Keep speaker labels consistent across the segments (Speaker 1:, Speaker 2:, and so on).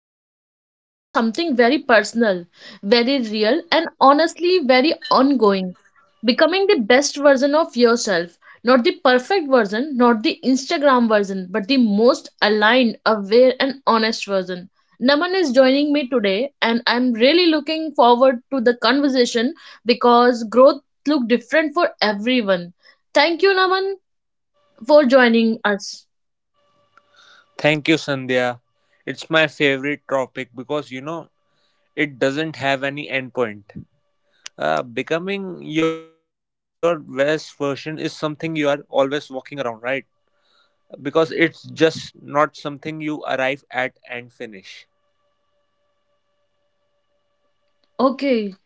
Speaker 1: we are talking about something very personal, very real, and honestly very ongoing. Becoming the best version of yourself. Not the perfect version, not the Instagram version, but the most aligned, aware, and honest version. Naman is joining me today, and I'm really looking forward to the conversation because growth look different for everyone. Thank you, Naman, for joining us.
Speaker 2: Thank you, Sandhya. It's my favorite topic because you know it doesn't have any endpoint. Becoming your best version is something you are always walking around, right? Because it's just not something you arrive at and finish.
Speaker 1: Okay,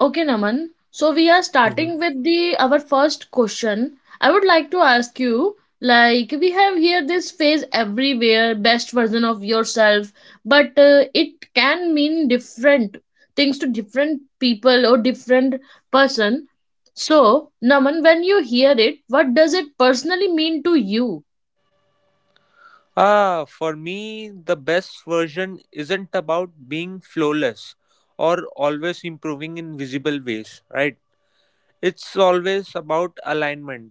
Speaker 1: okay, Naman. So we are
Speaker 2: Mhm.
Speaker 1: starting with the our first question. I would like to ask you, like we have here this phase everywhere, best version of yourself, but it can mean different things to different people or different person. So, Naman, when you hear it, what does it personally mean to you?
Speaker 2: Ah, for me, the best version isn't about being flawless or always improving in visible ways, right? It's always about alignment.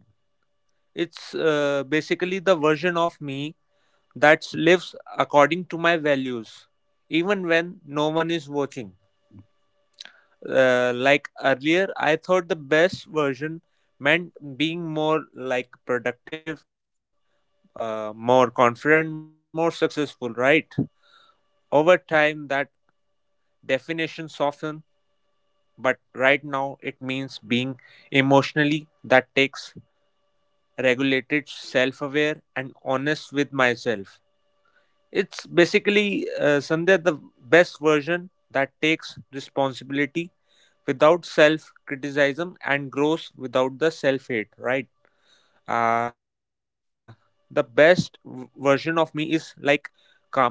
Speaker 2: It's basically the version of me that lives according to my values, even when no one is watching. Like earlier, I thought the best version meant being more like productive, more confident, more successful, right? Over time, that definition softened, but right now it means being emotionally that takes regulated, self aware, and honest with myself. It's basically Sandhya the best version that takes responsibility without self criticism and grows without the self hate, right? Uh, the best version of me is like calmer,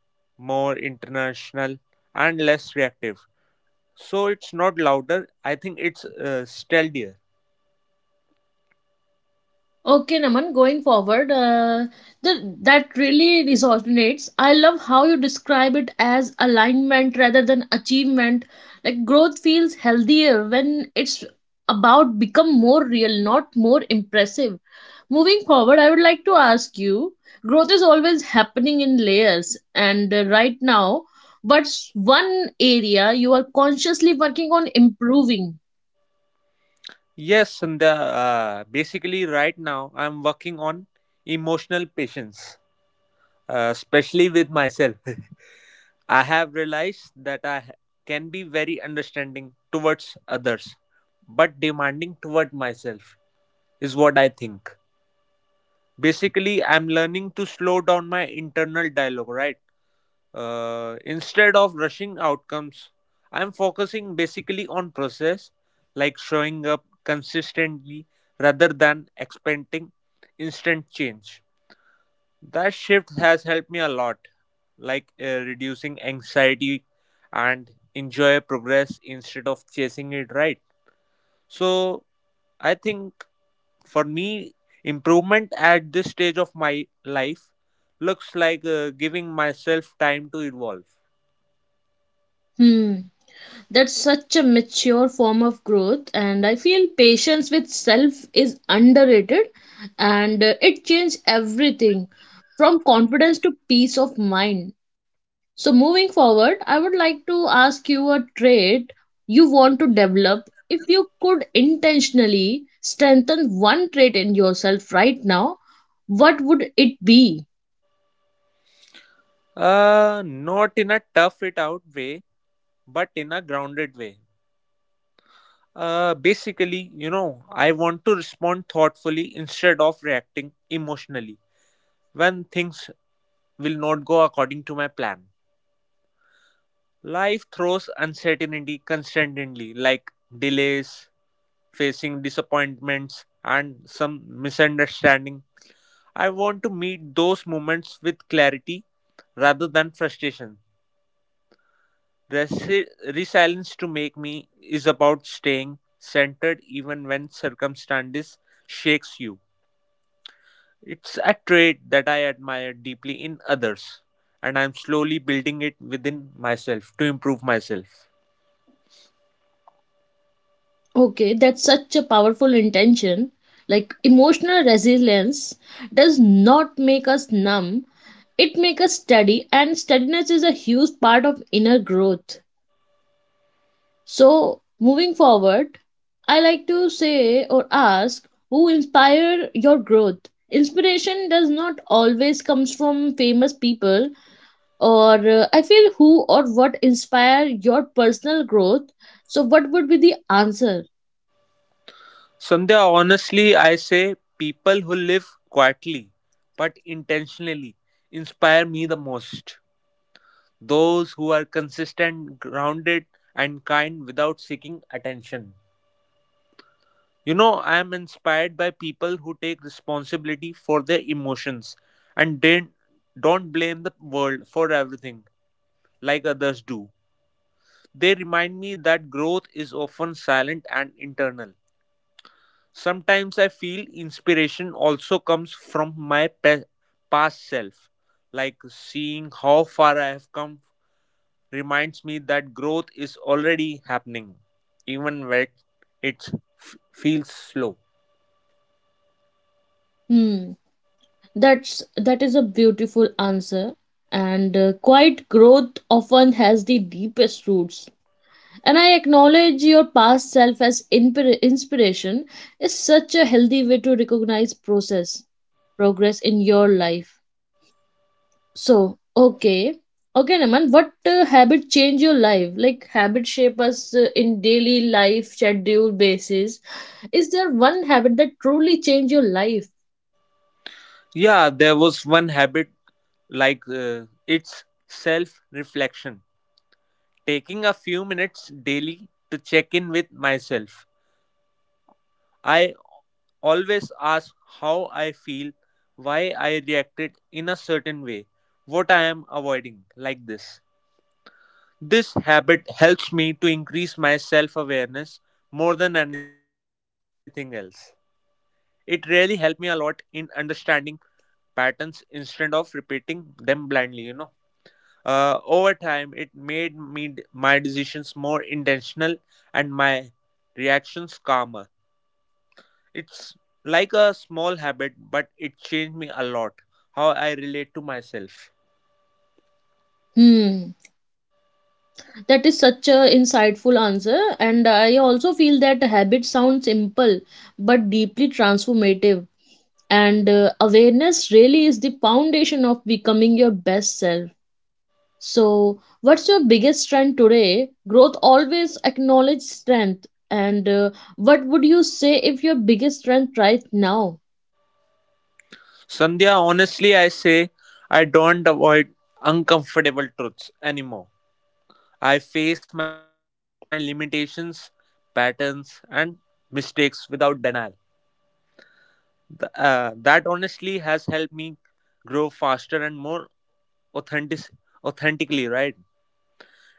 Speaker 2: more international, and less reactive. So it's not louder, I think it's steadier.
Speaker 1: Okay, Naman, going forward, that really resonates. I love how you describe it as alignment rather than achievement. Like growth feels healthier when it's about become more real, not more impressive. Moving forward, I would like to ask you, growth is always happening in layers, and right now, what's one area you are consciously working on improving?
Speaker 2: Yes, Sandhya, basically, right now I'm working on emotional patience, especially with myself. I have realized that can be very understanding towards others, but demanding toward myself is what I think. Basically, I'm learning to slow down my internal dialogue, right? Instead of rushing outcomes, I'm focusing basically on process, like showing up consistently rather than expecting instant change. That shift has helped me a lot, like reducing anxiety and enjoy progress instead of chasing it, right? So, I think for me, improvement at this stage of my life looks like giving myself time to evolve.
Speaker 1: Hmm. That's such a mature form of growth, and I feel patience with self is underrated and it changed everything from confidence to peace of mind. So, moving forward, I would like to ask you a trait you want to develop. If you could intentionally strengthen one trait in yourself right now, what would it be?
Speaker 2: Not in a tough it out way, but in a grounded way. Basically, you know, I want to respond thoughtfully instead of reacting emotionally when things will not go according to my plan. Life throws uncertainty constantly, like delays, facing disappointments, and some misunderstanding. I want to meet those moments with clarity rather than frustration. Resilience to make me is about staying centered even when circumstances shakes you. It's a trait that I admire deeply in others, and I'm slowly building it within myself to improve myself.
Speaker 1: Okay, that's such a powerful intention. Like emotional resilience does not make us numb, it makes us steady, and steadiness is a huge part of inner growth. So, moving forward, I like to say or ask who inspire your growth. Inspiration does not always comes from famous people or I feel who or what inspire your personal growth. So what would be the answer?
Speaker 2: Sandhya, honestly, I say people who live quietly but intentionally inspire me the most. Those who are consistent, grounded, and kind without seeking attention. You know, I am inspired by people who take responsibility for their emotions and don't blame the world for everything like others do. They remind me that growth is often silent and internal. Sometimes I feel inspiration also comes from my past self, like seeing how far I have come reminds me that growth is already happening, even when it feels slow.
Speaker 1: Hmm. That is a beautiful answer. And quiet growth often has the deepest roots. And I acknowledge your past self as inspiration is such a healthy way to recognize process progress in your life. So okay, okay, Naman, what habit change your life? Like habit shape us in daily life schedule basis. Is there one habit that truly change your life?
Speaker 2: Yeah, there was one habit like it's self reflection, taking a few minutes daily to check in with myself. I always ask how I feel, why I reacted in a certain way, what I am avoiding, like this. This habit helps me to increase my self awareness more than anything else. It really helped me a lot in understanding patterns instead of repeating them blindly, you know. Over time, it made me my decisions more intentional and my reactions calmer. It's like a small habit, but it changed me a lot how I relate to myself.
Speaker 1: Hmm. That is such a insightful answer, and I also feel that habits sound simple but deeply transformative. And awareness really is the foundation of becoming your best self. So, what's your biggest strength today? Growth always acknowledges strength. And what would you say if your biggest strength right now?
Speaker 2: Sandhya, honestly, I say I don't avoid uncomfortable truths anymore. I face my limitations, patterns, and mistakes without denial. That honestly has helped me grow faster and more authentic, authentically, right?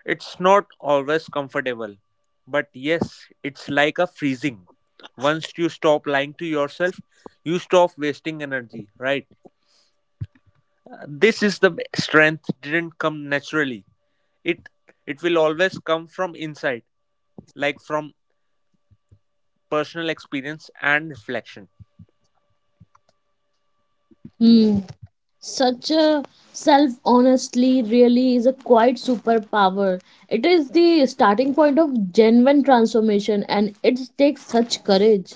Speaker 2: It's not always comfortable, but yes, it's like a freezing. Once you stop lying to yourself, you stop wasting energy, right? This is the strength didn't come naturally. It it will always come from inside, like from personal experience and reflection.
Speaker 1: Hmm. Such a self honestly really is a quite superpower. It is the starting point of genuine transformation, and it takes such courage.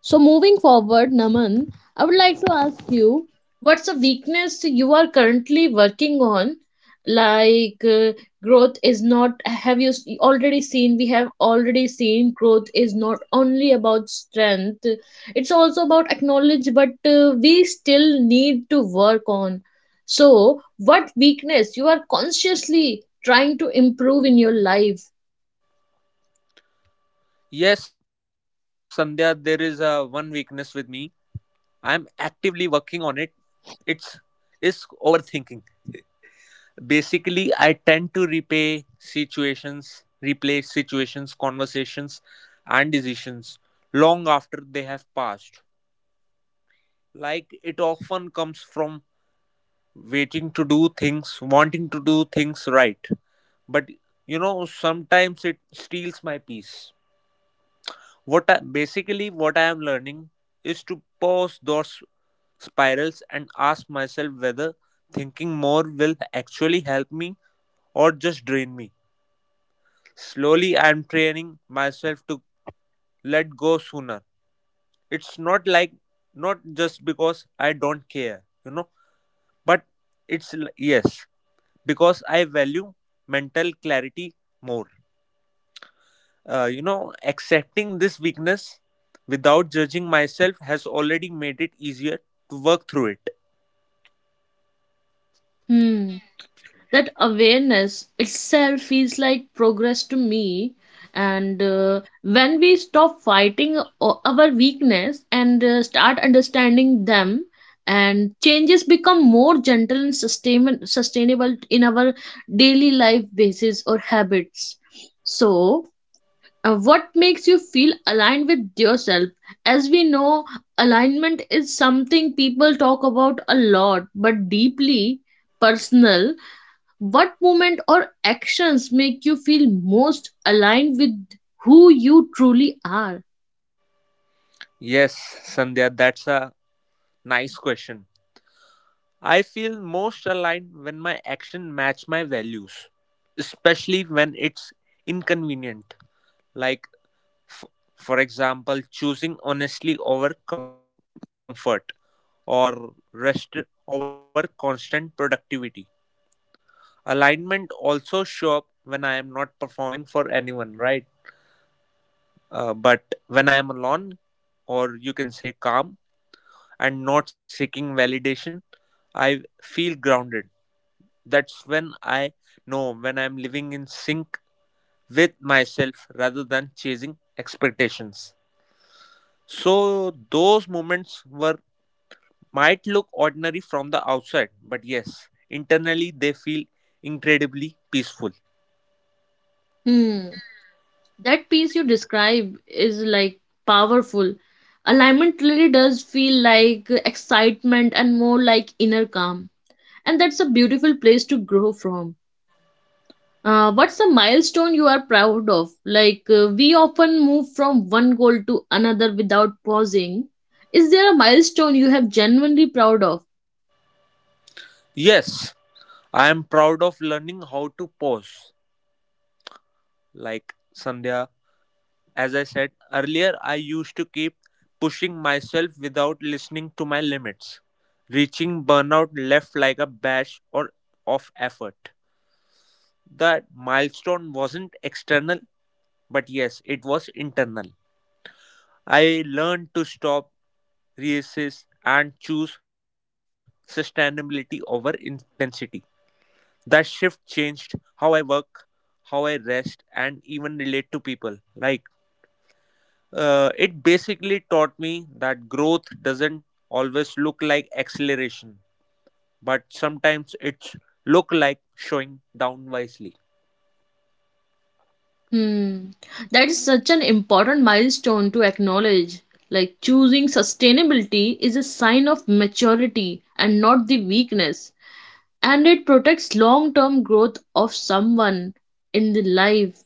Speaker 1: So moving forward, Naman, I would like to ask you, what's a weakness you are currently working on? Like growth is not. Have you already seen? We have already seen growth is not only about strength. It's also about acknowledge, but we still need to work on. So, what weakness you are consciously trying to improve in your life?
Speaker 2: Yes, Sandhya, there is a one weakness with me. I'm actively working on it. It's is overthinking. Basically, I tend to replay situations, conversations, and decisions long after they have passed. Like it often comes from waiting to do things, wanting to do things right. But you know, sometimes it steals my peace. Basically what I am learning is to pause those spirals and ask myself whether thinking more will actually help me or just drain me. Slowly, I'm training myself to let go sooner. It's not just because I don't care, you know, but it's yes, because I value mental clarity more. You know, accepting this weakness without judging myself has already made it easier to work through it.
Speaker 1: Hmm. That awareness itself feels like progress to me, and when we stop fighting our weakness and start understanding them, and changes become more gentle and sustainable in our daily life basis or habits. So what makes you feel aligned with yourself? As we know, alignment is something people talk about a lot but deeply personal. What moment or actions make you feel most aligned with who you truly are?
Speaker 2: Yes, Sandhya, that's a nice question. I feel most aligned when my action match my values, especially when it's inconvenient. Like, f- for example, choosing honestly over comfort or rest over constant productivity. Alignment also show up when I am not performing for anyone, right? But when I am alone, or you can say calm and not seeking validation, I feel grounded. That's when I know when I'm living in sync with myself rather than chasing expectations. So, those moments were might look ordinary from the outside, but yes, internally they feel incredibly peaceful.
Speaker 1: Hmm. That piece you describe is like powerful. Alignment really does feel like excitement and more like inner calm. And that's a beautiful place to grow from. What's a milestone you are proud of? Like, we often move from one goal to another without pausing. Is there a milestone you have genuinely proud of?
Speaker 2: Yes, I am proud of learning how to pause, like Sandhya, as I said earlier, I used to keep pushing myself without listening to my limits. Reaching burnout left like a batch or of effort. That milestone wasn't external, but yes, it was internal. I learned to stop, resist, and choose sustainability over intensity. That shift changed how I work, how I rest, and even relate to people. It basically taught me that growth doesn't always look like acceleration, but sometimes it look like showing down wisely.
Speaker 1: Hmm. That is such an important milestone to acknowledge. Like choosing sustainability is a sign of maturity and not the weakness. And it protects long term growth of someone in the life.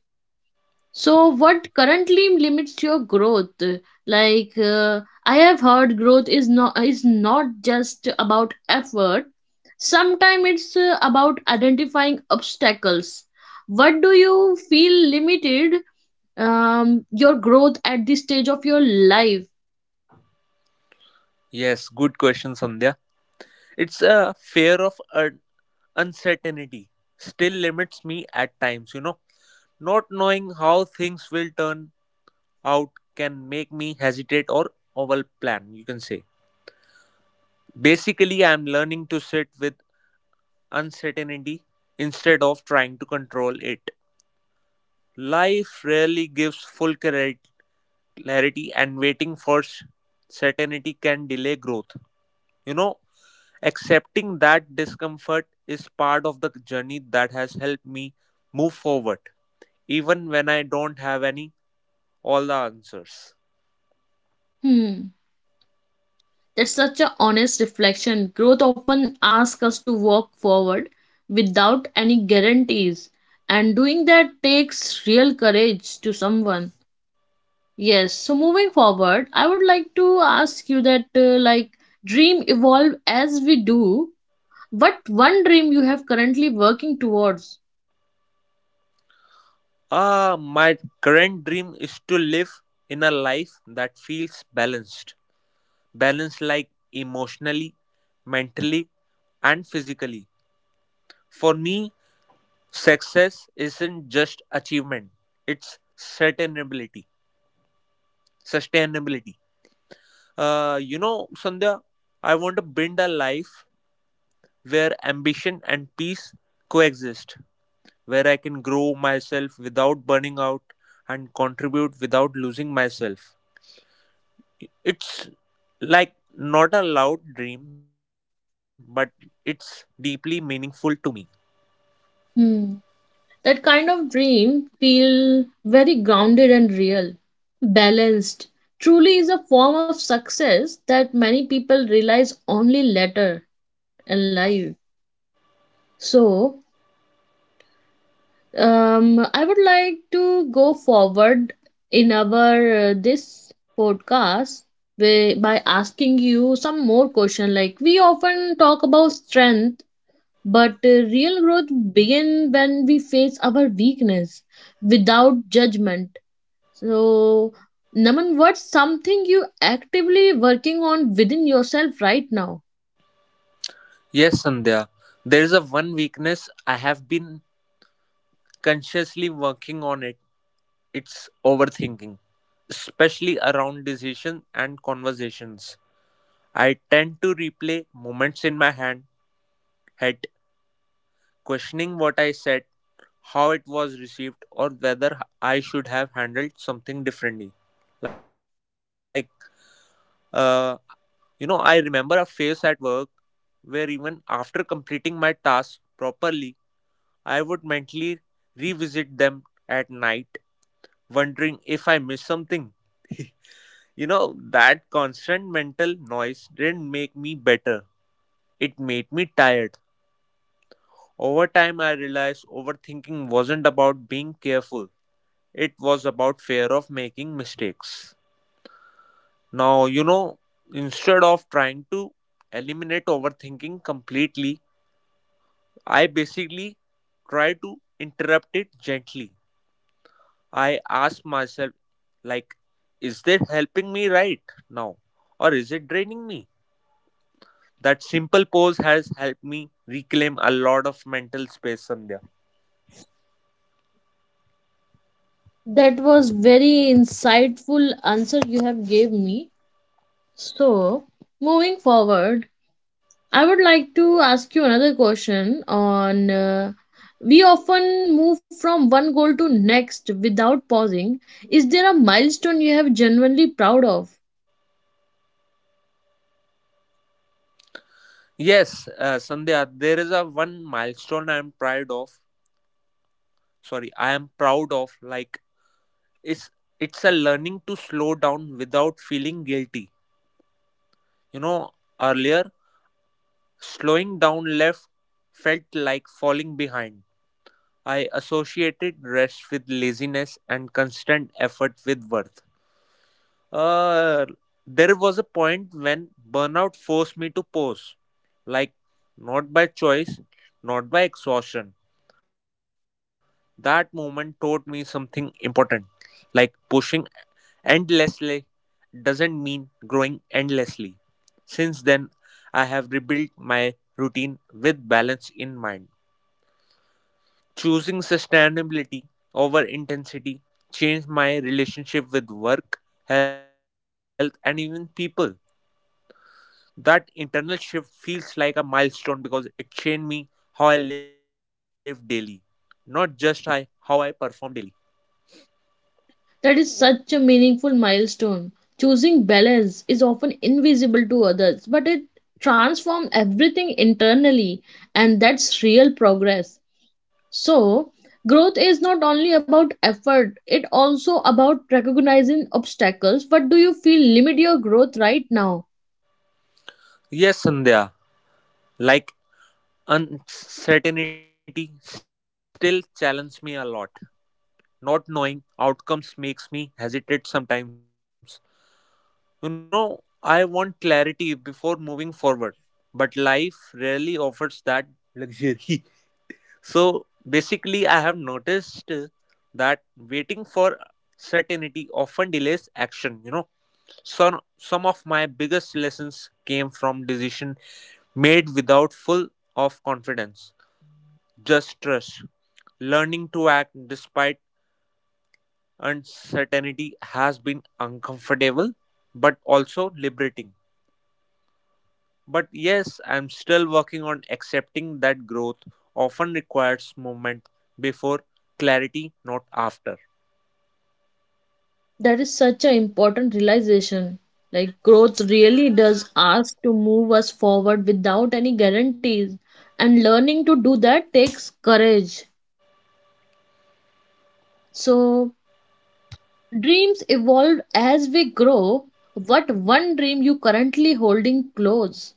Speaker 1: So, what currently limits your growth? Like, I have heard growth is not just about effort, sometimes it's about identifying obstacles. What do you feel limited? Your growth at this stage of your life.
Speaker 2: Yes, good question, Sandhya. It's a fear of uncertainty. Still limits me at times, you know. Not knowing how things will turn out can make me hesitate or overplan, you can say. Basically, I am learning to sit with uncertainty instead of trying to control it. Life rarely gives full clarity, and waiting for certainty can delay growth. You know, accepting that discomfort is part of the journey that has helped me move forward, even when I don't have any all the answers.
Speaker 1: Hmm. That's such a honest reflection. Growth often asks us to walk forward without any guarantees, and doing that takes real courage to someone. Yes, so moving forward, I would like to ask you that, dream evolve as we do. What one dream you have currently working towards?
Speaker 2: Ah, my current dream is to live in a life that feels balanced. Balanced like emotionally, mentally, and physically. For me, success isn't just achievement; it's sustainability. Sustainability. You know, Sandhya, I want to build a life where ambition and peace coexist, where I can grow myself without burning out and contribute without losing myself. It's like not a loud dream, but it's deeply meaningful to me.
Speaker 1: Hmm. That kind of dream feel very grounded and real, balanced. Truly is a form of success that many people realize only later in life. So, I would like to go forward in our this podcast by asking you some more question. Like we often talk about strength, but real growth begin when we face our weakness without judgment. So, Naman, what's something you actively working on within yourself right now?
Speaker 2: Yes, Sandhya. There is a one weakness I have been consciously working on it. It's overthinking, especially around decisions and conversations. I tend to replay moments in my head, questioning what I said, how it was received, or whether I should have handled something differently. Like, uh, you know, I remember a phase at work where even after completing my tasks properly, I would mentally revisit them at night, wondering if I missed something. You know, that constant mental noise didn't make me better. It made me tired. Over time, I realized overthinking wasn't about being careful, it was about fear of making mistakes. Now, you know, instead of trying to eliminate overthinking completely, I basically try to interrupt it gently. I ask myself, like, is this helping me right now? Or is it draining me? That simple pose has helped me reclaim a lot of mental space, Sandhya.
Speaker 1: That was very insightful answer you have gave me. So, moving forward, I would like to ask you another question on we often move from one goal to next without pausing. Is there a milestone you have genuinely proud of?
Speaker 2: Yes, Sandhya, there is a one milestone I am proud of. Sorry, I am proud of. Like It's a learning to slow down without feeling guilty. You know, earlier slowing down left felt like falling behind. I associated rest with laziness and constant effort with worth. Uh, there was a point when burnout forced me to pause, like not by choice, not by exhaustion. That moment taught me something important, like pushing endlessly doesn't mean growing endlessly. Since then, I have rebuilt my routine with balance in mind. Choosing sustainability over intensity changed my relationship with work, health, and even people. That internal shift feels like a milestone because it changed me how I live daily, not just I, how I perform daily.
Speaker 1: That is such a meaningful milestone. Choosing balance is often invisible to others, but it transforms everything internally, and that's real progress. So, growth is not only about effort, it also about recognizing obstacles. What do you feel limit your growth right now?
Speaker 2: Yes, Sandhya, like uncertainty still challenges me a lot. Not knowing outcomes makes me hesitate sometimes. You know, I want clarity before moving forward, but life rarely offers that luxury. So basically, I have noticed that waiting for certainty often delays action. You know, some of my biggest lessons came from decision made without full of confidence, just trust. Learning to act despite uncertainty has been uncomfortable, but also liberating. But yes, I'm still working on accepting that growth often requires movement before clarity, not after.
Speaker 1: That is such an important realization. Like growth really does ask to move us forward without any guarantees, and learning to do that takes courage. So, dreams evolve as we grow. What one dream you currently holding close?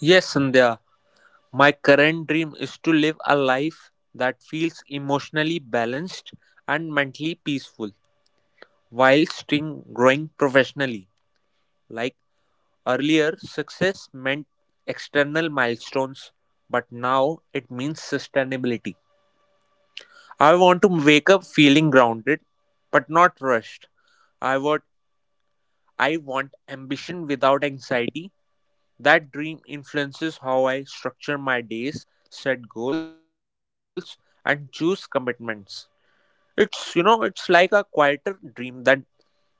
Speaker 2: Yes, Sandhya, my current dream is to live a life that feels emotionally balanced and mentally peaceful while still growing professionally. Like earlier, success meant external milestones, but now it means sustainability. I want to wake up feeling grounded but not rushed. I want I want ambition without anxiety. That dream influences how I structure my days, set goals, and choose commitments. It's like a quieter dream than before,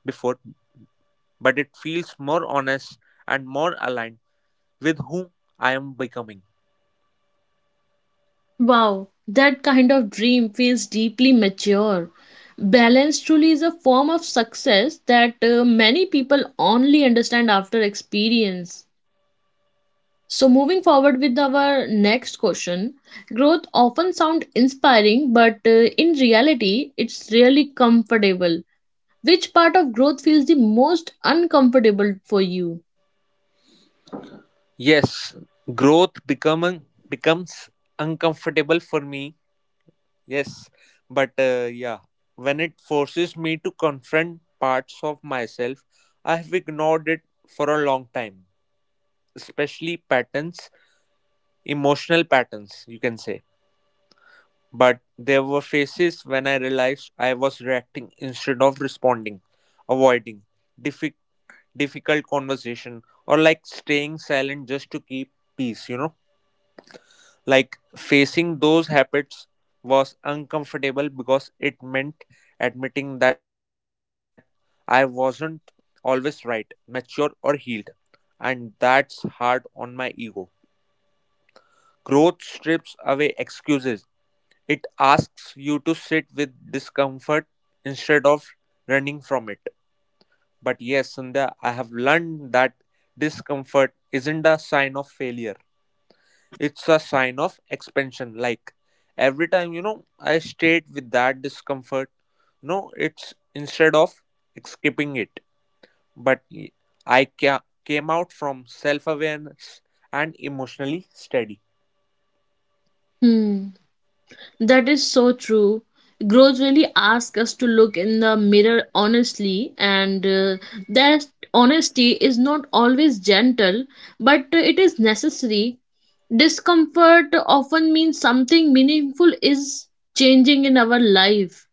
Speaker 2: but it feels more honest and more aligned with who I am becoming.
Speaker 1: Wow, that kind of dream feels deeply mature. Balance truly is a form of success that many people only understand after experience. So, moving forward with our next question, growth often sounds inspiring, but in reality, it's really comfortable. Which part of growth feels the most uncomfortable for you?
Speaker 2: Yes, growth becoming becomes uncomfortable for me. Yes, but yeah, when it forces me to confront parts of myself, I have ignored it for a long time, especially patterns, emotional patterns, you can say. But there were phases when I realized I was reacting instead of responding, avoiding diffi- difficult conversation, or like staying silent just to keep peace. Like facing those habits was uncomfortable because it meant admitting that I wasn't always right, mature, or healed, and that's hard on my ego. Growth strips away excuses, it asks you to sit with discomfort instead of running from it. But yes, Sandhya, I have learned that discomfort isn't a sign of failure. It's a sign of expansion. Like every time, I stayed with that discomfort. No, it's instead of escaping it, but came out from self awareness and emotionally steady.
Speaker 1: Hmm, that is so true. Growth really asks us to look in the mirror honestly, and that honesty is not always gentle, but it is necessary. Discomfort often means something meaningful is changing in our life.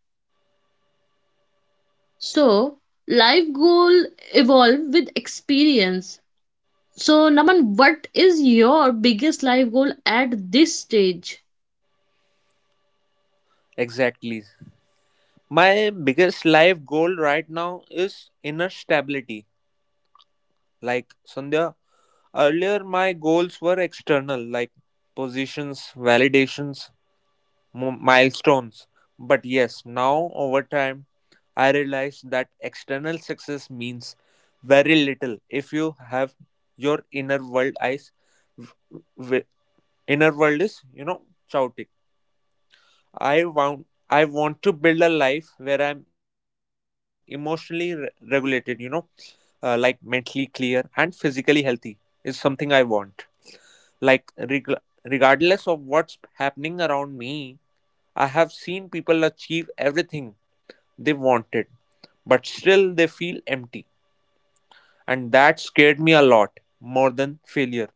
Speaker 1: So, life goal evolve with experience. So, Naman, what is your biggest life goal at this stage?
Speaker 2: Exactly. My biggest life goal right now is inner stability. Like Sandhya, earlier my goals were external, like positions, validations, milestones. But yes, now over time, I realize that external success means very little if you have your inner world eyes. w- w- Inner world is, you know, chaotic. I want I want to build a life where I'm emotionally regulated, you know, like mentally clear and physically healthy is something I want. Like regardless of what's happening around me, I have seen people achieve everything they wanted, but still they feel empty. And that scared me a lot more than failure.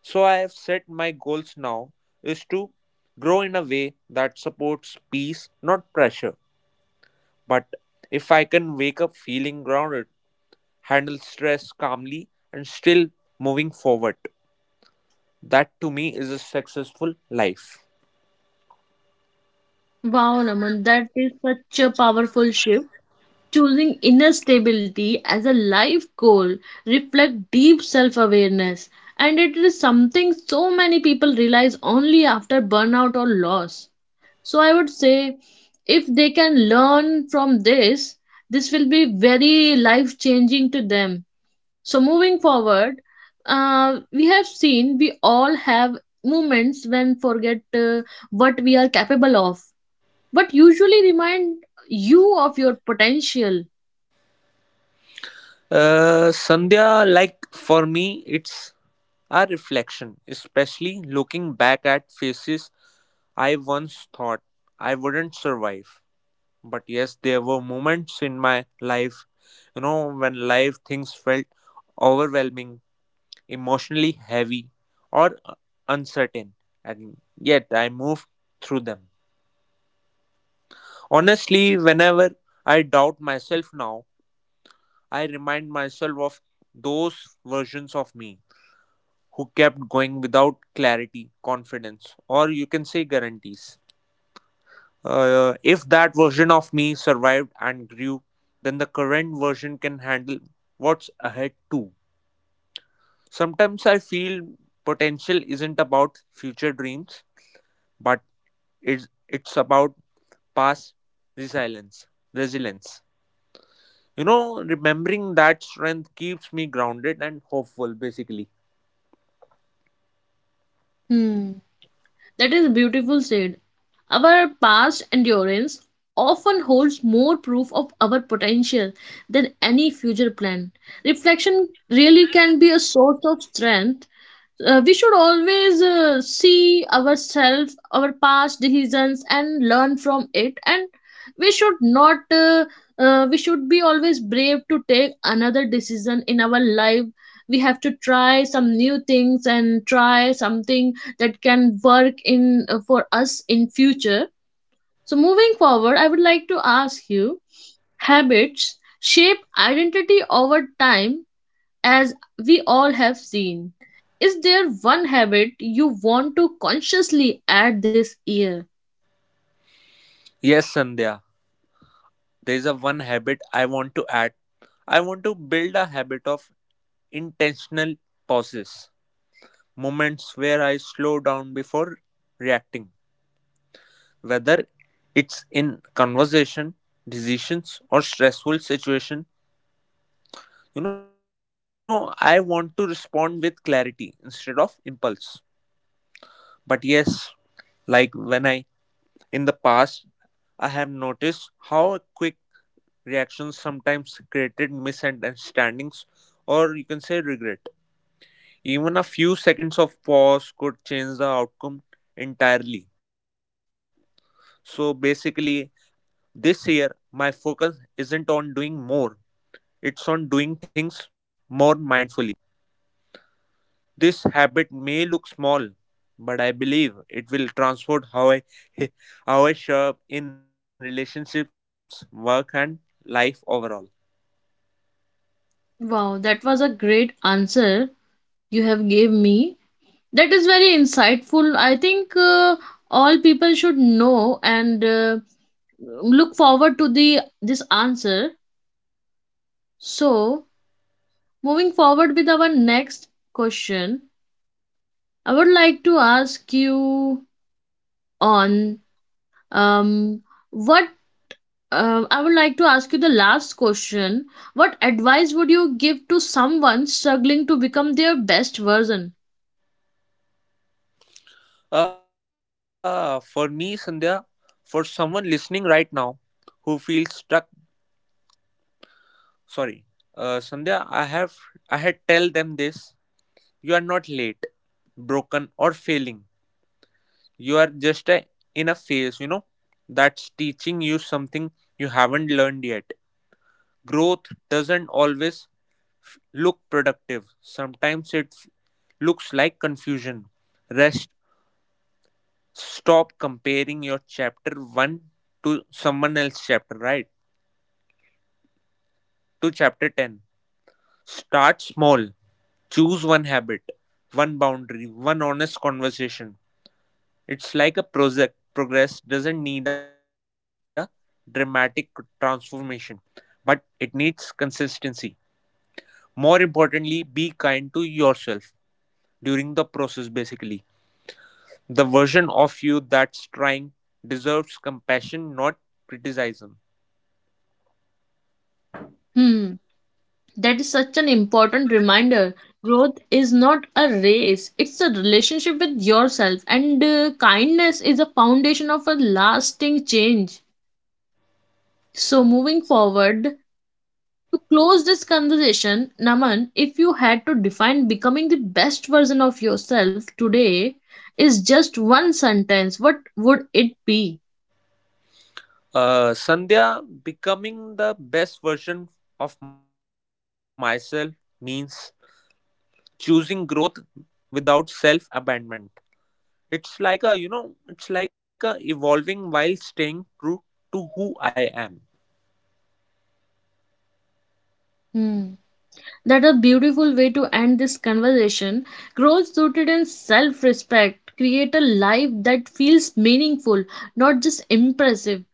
Speaker 2: So I have set my goals now is to grow in a way that supports peace, not pressure. But if I can wake up feeling grounded, handle stress calmly, and still moving forward, that to me is a successful life.
Speaker 1: Wow, Naman, that is such a powerful shift. Choosing inner stability as a life goal reflects deep self awareness, and it is something so many people realize only after burnout or loss. So I would say if they can learn from this, this will be very life changing to them. So moving forward, we have seen we all have moments when forget what we are capable of, but usually remind you of your potential.
Speaker 2: Sandhya, like for me, it's our reflection, especially looking back at faces, I once thought I wouldn't survive. But yes, there were moments in my life, you know, when life things felt overwhelming, emotionally heavy, or uncertain, and yet I moved through them. Honestly, whenever I doubt myself now, I remind myself of those versions of me who kept going without clarity, confidence, or you can say guarantees. If that version of me survived and grew, then the current version can handle what's ahead too. Sometimes I feel potential isn't about future dreams, but it's about past resilience. Resilience. You know, remembering that strength keeps me grounded and hopeful, basically.
Speaker 1: Hmm, that is beautiful said. Our past endurance often holds more proof of our potential than any future plan. Reflection really can be a source of strength. We should always see ourselves our past decisions and learn from it, and we should not we should be always brave to take another decision in our life. We have to try some new things and try something that can work in for us in future. So moving forward, I would like to ask you, habits shape identity over time, as we all have seen. Is there one habit you want to consciously add this year?
Speaker 2: Yes, Sandhya. There is a one habit I want to add. I want to build a habit of intentional pauses, moments where I slow down before reacting, whether it's in conversation, decisions, or stressful situation. You know, I want to respond with clarity instead of impulse. But yes, like when I in the past I have noticed how quick reactions sometimes created misunderstandings, or you can say regret. Even a few seconds of pause could change the outcome entirely. So basically, this year my focus isn't on doing more, it's on doing things more mindfully. This habit may look small, but I believe it will transform how I how I show up in relationships, work, and life overall.
Speaker 1: Wow, that was a great answer you have gave me. That is very insightful. I think all people should know, and look forward to the this answer. So, moving forward with our next question, I would like to ask you on um what I would like to ask you the last question. What advice would you give to someone struggling to become their best version?
Speaker 2: For me, Sandhya, for someone listening right now who feels stuck. Sorry. Sandhya, I had tell them this. You are not late, broken or failing. You are just a, in a phase, you know, that's teaching you something you haven't learned yet. Growth doesn't always look productive. Sometimes it looks like confusion. Rest. Stop comparing your chapter 1 to someone else's chapter, right? To chapter 10. Start small. Choose one habit, one boundary, one honest conversation. It's like a project. Progress doesn't need a dramatic transformation, but it needs consistency. More importantly, be kind to yourself during the process, basically. The version of you that's trying deserves compassion, not criticism.
Speaker 1: Hmm, that is such an important reminder. Growth is not a race, it's a relationship with yourself, and kindness is a foundation of a lasting change. So, moving forward, to close this conversation, Naman, if you had to define becoming the best version of yourself today is just one sentence, what would it be?
Speaker 2: Sandhya, becoming the best version of myself means choosing growth without self abandonment. It's like it's like a evolving while staying true to who I am.
Speaker 1: Hmm. That a beautiful way to end this conversation. Growth rooted in self-respect. Create a life that feels meaningful, not just impressive.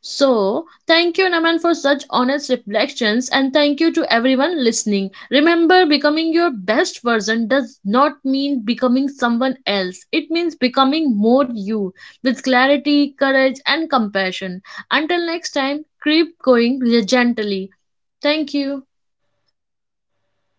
Speaker 1: So, thank you, Naman, for such honest reflections, and thank you to everyone listening. Remember, becoming your best version does not mean becoming someone else, it means becoming more you with clarity, courage, and compassion. Until next time, keep going gently. Thank you.
Speaker 2: Thank you, Sandhya.